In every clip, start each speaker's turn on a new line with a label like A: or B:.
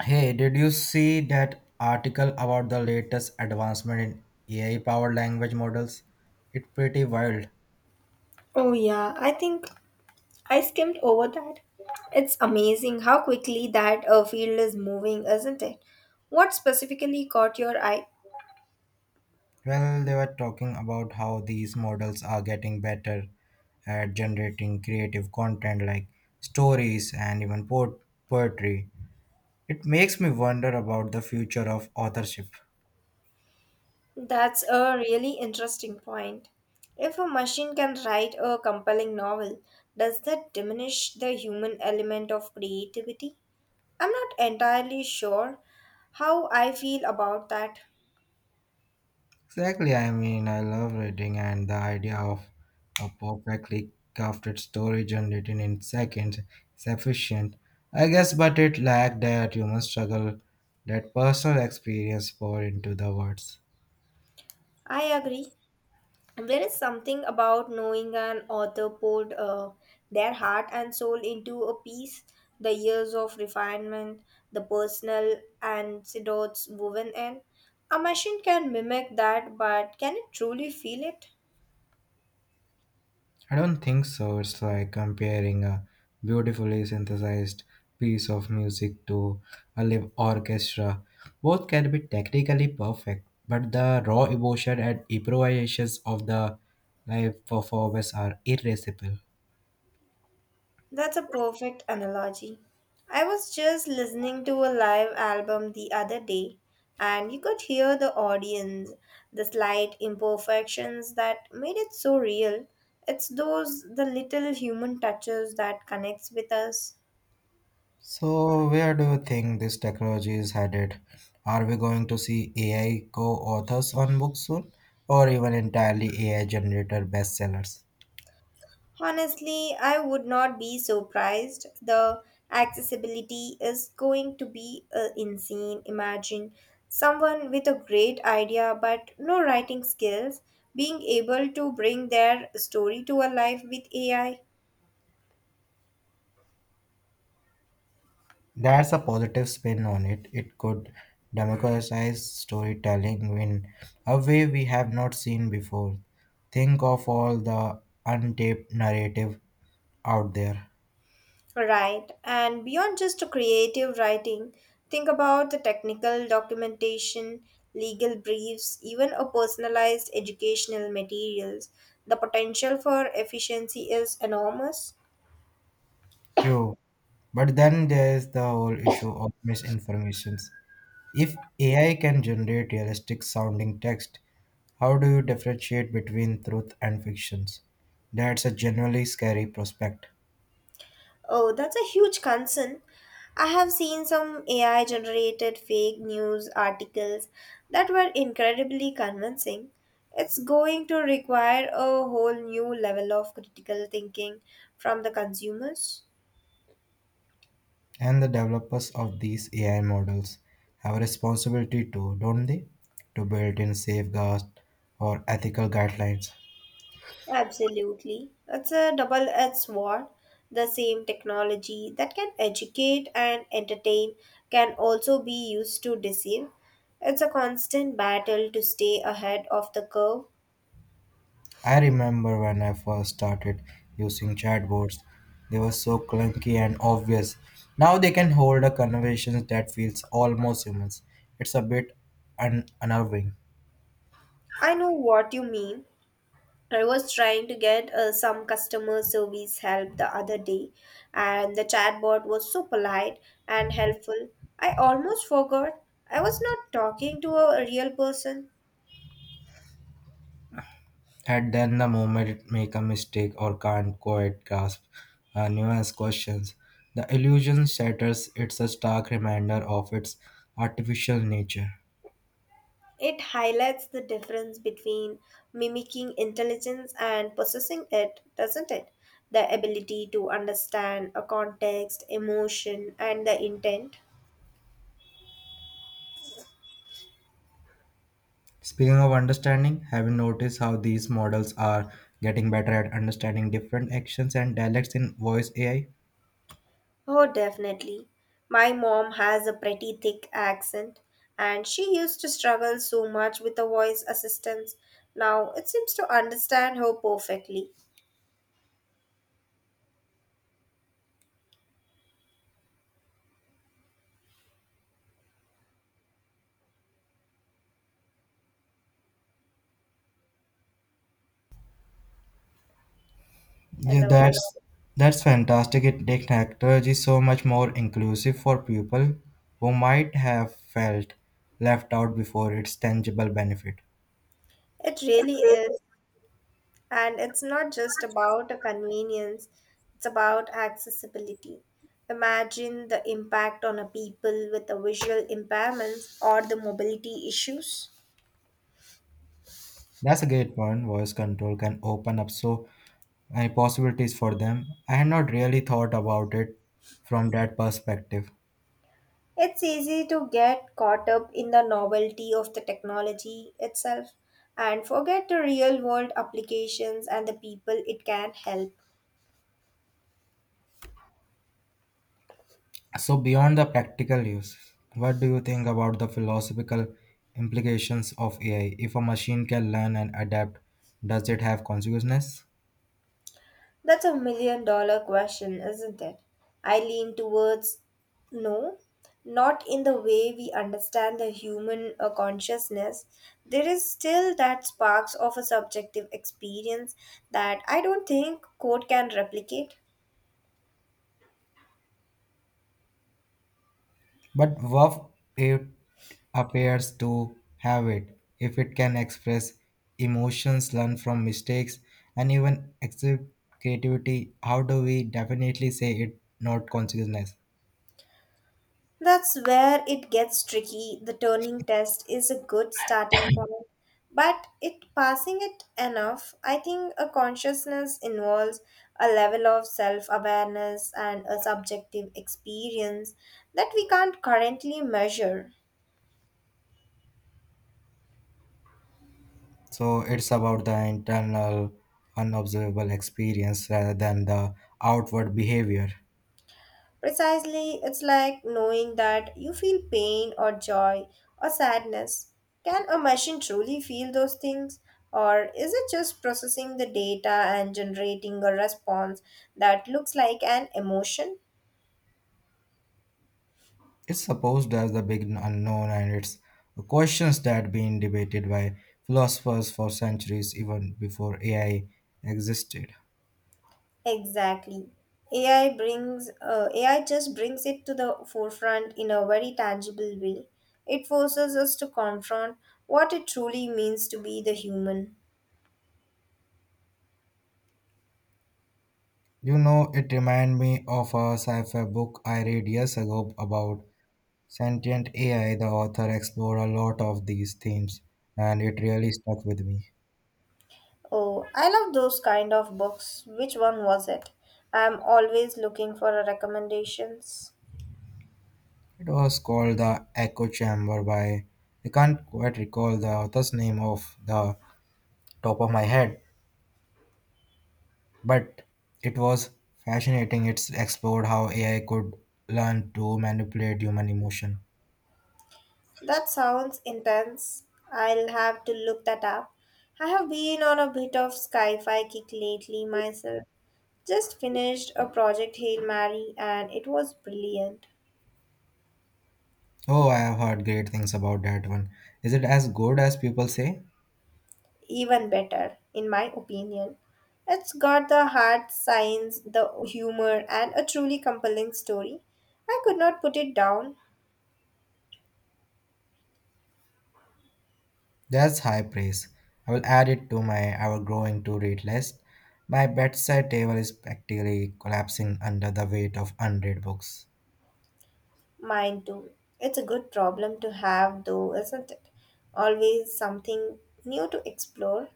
A: Hey, did you see that article about the latest advancement in AI powered language models? It's pretty wild.
B: Oh, yeah, I think I skimmed over that. It's amazing how quickly that field is moving, isn't it? What specifically caught your eye?
A: Well, they were talking about how these models are getting better at generating creative content like stories and even poetry. It makes me wonder about the future of authorship.
B: That's a really interesting point. If a machine can write a compelling novel, does that diminish the human element of creativity? I'm not entirely sure how I feel about that.
A: Exactly. I mean, I love reading, and the idea of a perfectly crafted story generated in seconds is efficient, I guess. But it lacked that human struggle, that personal experience poured into the words.
B: I agree. There is something about knowing an author poured their heart and soul into a piece, the years of refinement, the personal anecdotes woven in. A machine can mimic that, but can it truly feel it?
A: I don't think so. It's like comparing a beautifully synthesized piece of music to a live orchestra. Both can be technically perfect, but the raw emotion and improvisations of the live performers are irreplaceable.
B: That's a perfect analogy. I was just listening to a live album the other day, and you could hear the audience, the slight imperfections that made it so real. It's those the little human touches that connects with us.
A: So, where do you think this technology is headed? Are we going to see AI co authors on books soon, or even entirely AI generated bestsellers?
B: Honestly, I would not be surprised. The accessibility is going to be insane. Imagine someone with a great idea but no writing skills being able to bring their story to a life with AI.
A: That's a positive spin on it. It could democratize storytelling in a way we have not seen before. Think of all the untapped narrative out there.
B: Right, and beyond just creative writing, think about the technical documentation, legal briefs, even a personalized educational materials. The potential for efficiency is enormous.
A: True. But then there is the whole issue of misinformations. If AI can generate realistic sounding text, how do you differentiate between truth and fictions? That's a generally scary prospect.
B: Oh, that's a huge concern. I have seen some AI generated fake news articles that were incredibly convincing. It's going to require a whole new level of critical thinking from the consumers.
A: And the developers of these AI models have a responsibility too, don't they? To build in safeguards or ethical guidelines.
B: Absolutely. It's a double edged sword. The same technology that can educate and entertain can also be used to deceive. It's a constant battle to stay ahead of the curve.
A: I remember when I first started using chatbots, they were so clunky and obvious. Now they can hold a conversation that feels almost human. It's a bit unnerving.
B: I know what you mean. I was trying to get some customer service help the other day, and the chatbot was so polite and helpful. I almost forgot I was not talking to a real person.
A: And then the moment it make a mistake or can't quite grasp nuanced questions, the illusion shatters. It's a stark reminder of its artificial nature.
B: It highlights the difference between mimicking intelligence and possessing it, doesn't it? The ability to understand a context, emotion, and the intent.
A: Speaking of understanding, have you noticed how these models are getting better at understanding different actions and dialects in voice AI?
B: Oh, definitely. My mom has a pretty thick accent, and she used to struggle so much with the voice assistance. Now it seems to understand her perfectly.
A: Yeah,
B: Hello.
A: that's fantastic. It makes technology so much more inclusive for people who might have felt left out before its tangible benefit.
B: It really is. And it's not just about a convenience, it's about accessibility. Imagine the impact on a people with a visual impairments or the mobility issues.
A: That's a great point. Voice control can open up so many possibilities for them. I had not really thought about it from that perspective.
B: It's easy to get caught up in the novelty of the technology itself and forget the real world applications and the people it can help.
A: So, beyond the practical use, what do you think about the philosophical implications of AI? If a machine can learn and adapt, does it have consequences?
B: That's a million dollar question, isn't it? I lean towards no, not in the way we understand the human consciousness. There is still that sparks of a subjective experience that I don't think code can replicate.
A: But what it appears to have it, if it can express emotions, learn from mistakes, and even exhibit creativity, how do we definitely say it not consciousness?
B: That's where it gets tricky. The Turing test is a good starting point, but it passing it enough, I think a consciousness involves a level of self-awareness and a subjective experience that we can't currently measure.
A: So it's about the internal, unobservable experience rather than the outward behavior.
B: Precisely, it's like knowing that you feel pain or joy or sadness. Can a machine truly feel those things? Or is it just processing the data and generating a response that looks like an emotion?
A: It's supposed as the big unknown, and it's questions that been debated by philosophers for centuries, even before AI existed.
B: Exactly. AI just brings it to the forefront in a very tangible way. It forces us to confront what it truly means to be the human.
A: You know, it reminded me of a sci-fi book I read years ago about sentient AI. The author explored a lot of these themes, and it really stuck with me.
B: Oh, I love those kind of books. Which one was it? I'm always looking for a recommendations.
A: It was called The Echo Chamber by I can't quite recall the author's name off the top of my head, but it was fascinating. It explored how AI could learn to manipulate human emotion.
B: That sounds intense. I'll have to look that up. I have been on a bit of sci-fi kick lately myself. Just finished a project Hail Mary and it was brilliant.
A: Oh, I have heard great things about that one. Is it as good as people say?
B: Even better, in my opinion. It's got the hard science, the humor, and a truly compelling story. I could not put it down.
A: That's high praise. I will add it to my ever growing to read list. My bedside table is practically collapsing under the weight of unread books.
B: Mine too. It's a good problem to have, though, isn't it? Always something new to explore.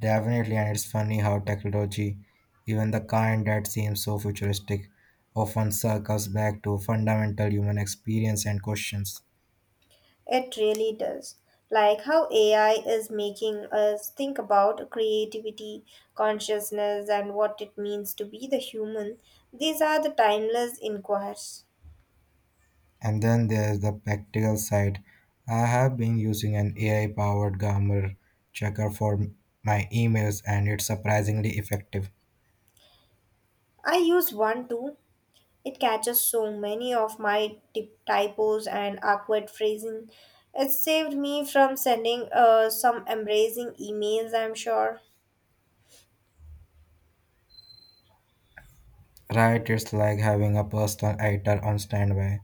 A: Definitely, and it's funny how technology, even the kind that seems so futuristic, often circles back to fundamental human experience and questions.
B: It really does. Like how AI is making us think about creativity, consciousness, and what it means to be the human. These are the timeless inquiries.
A: And then there's the practical side. I have been using an AI powered grammar checker for my emails, and it's surprisingly effective.
B: I used one too. It catches so many of my typos and awkward phrasing. It saved me from sending some embracing emails, I'm sure.
A: Right, it's like having a personal editor on standby.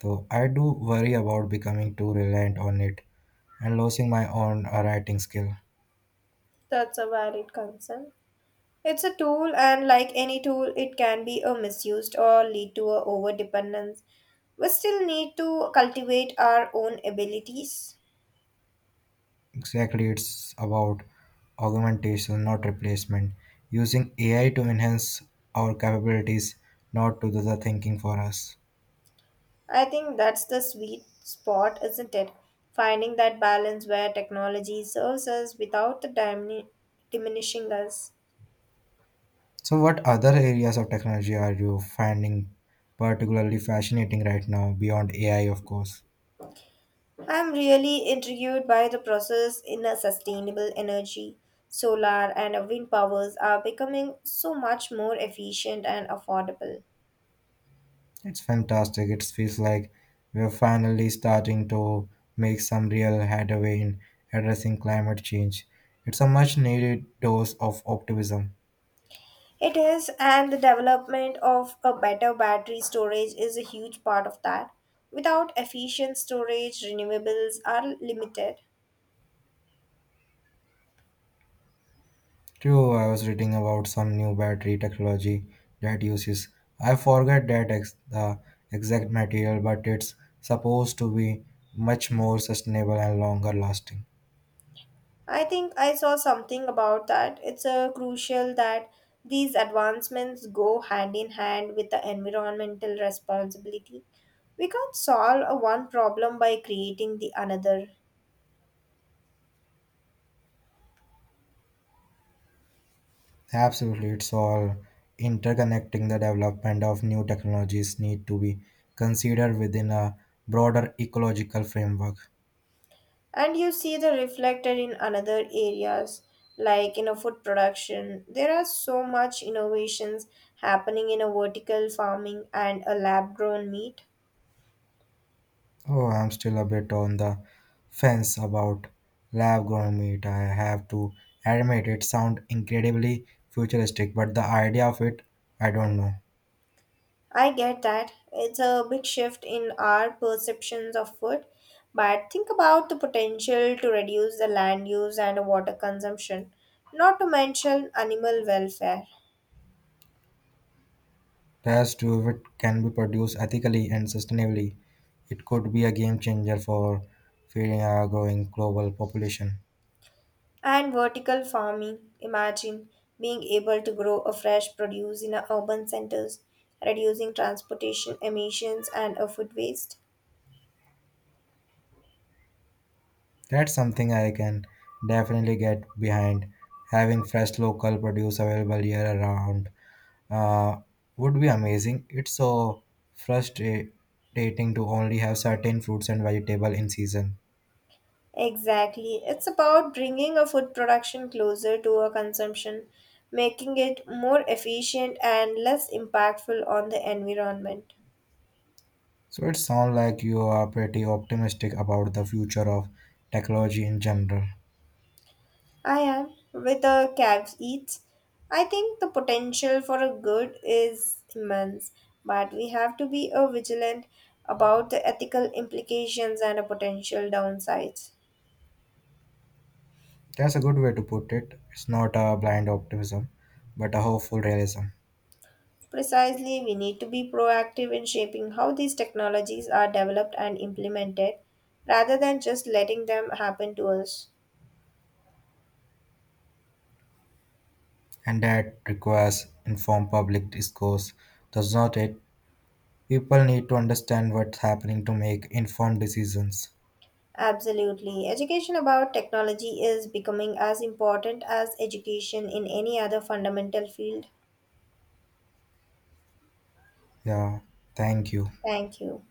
A: So I do worry about becoming too reliant on it and losing my own writing skill.
B: That's a valid concern. It's a tool, and like any tool, it can be a misused or lead to a overdependence. We still need to cultivate our own abilities.
A: Exactly, it's about augmentation, not replacement. Using AI to enhance our capabilities, not to do the thinking for us.
B: I think that's the sweet spot, isn't it? Finding that balance where technology serves us without the diminishing us.
A: So, what other areas of technology are you finding particularly fascinating right now, beyond AI, of course?
B: I'm really intrigued by the process in a sustainable energy. Solar and wind powers are becoming so much more efficient and affordable.
A: It's fantastic. It feels like we're finally starting to make some real headway in addressing climate change. It's a much needed dose of optimism.
B: It is, and the development of a better battery storage is a huge part of that. Without efficient storage, renewables are limited.
A: True, I was reading about some new battery technology that uses, I forget the exact material, but it's supposed to be much more sustainable and longer lasting.
B: I think I saw something about that. It's crucial that these advancements go hand in hand with the environmental responsibility. We can't solve a one problem by creating the another.
A: Absolutely, it's all interconnecting. The development of new technologies need to be considered within a broader ecological framework.
B: And you see the reflected in another areas, like in a food production, there are so much innovations happening in a vertical farming and a lab grown meat.
A: Oh, I'm still a bit on the fence about lab grown meat. I have to admit it sounds incredibly futuristic, but the idea of it, I don't know.
B: I get that it's a big shift in our perceptions of food, but think about the potential to reduce the land use and water consumption, not to mention animal welfare.
A: Past two if it can be produced ethically and sustainably, it could be a game changer for feeding a growing global population.
B: And vertical farming. Imagine being able to grow a fresh produce in a urban centers, reducing transportation emissions and a food waste.
A: That's something I can definitely get behind. Having fresh local produce available year around uh, would be amazing. It's so frustrating to only have certain fruits and vegetable in season.
B: Exactly. It's about bringing a food production closer to a consumption, making it more efficient and less impactful on the environment.
A: So it sounds like you are pretty optimistic about the future of technology in general.
B: I am with the caveats. I think the potential for a good is immense, but we have to be vigilant about the ethical implications and the potential downsides.
A: That's a good way to put it. It's not a blind optimism, but a hopeful realism.
B: Precisely, we need to be proactive in shaping how these technologies are developed and implemented rather than just letting them happen to us.
A: And that requires informed public discourse, does not it? People need to understand what's happening to make informed decisions.
B: Absolutely. Education about technology is becoming as important as education in any other fundamental field.
A: Yeah, thank you.
B: Thank you.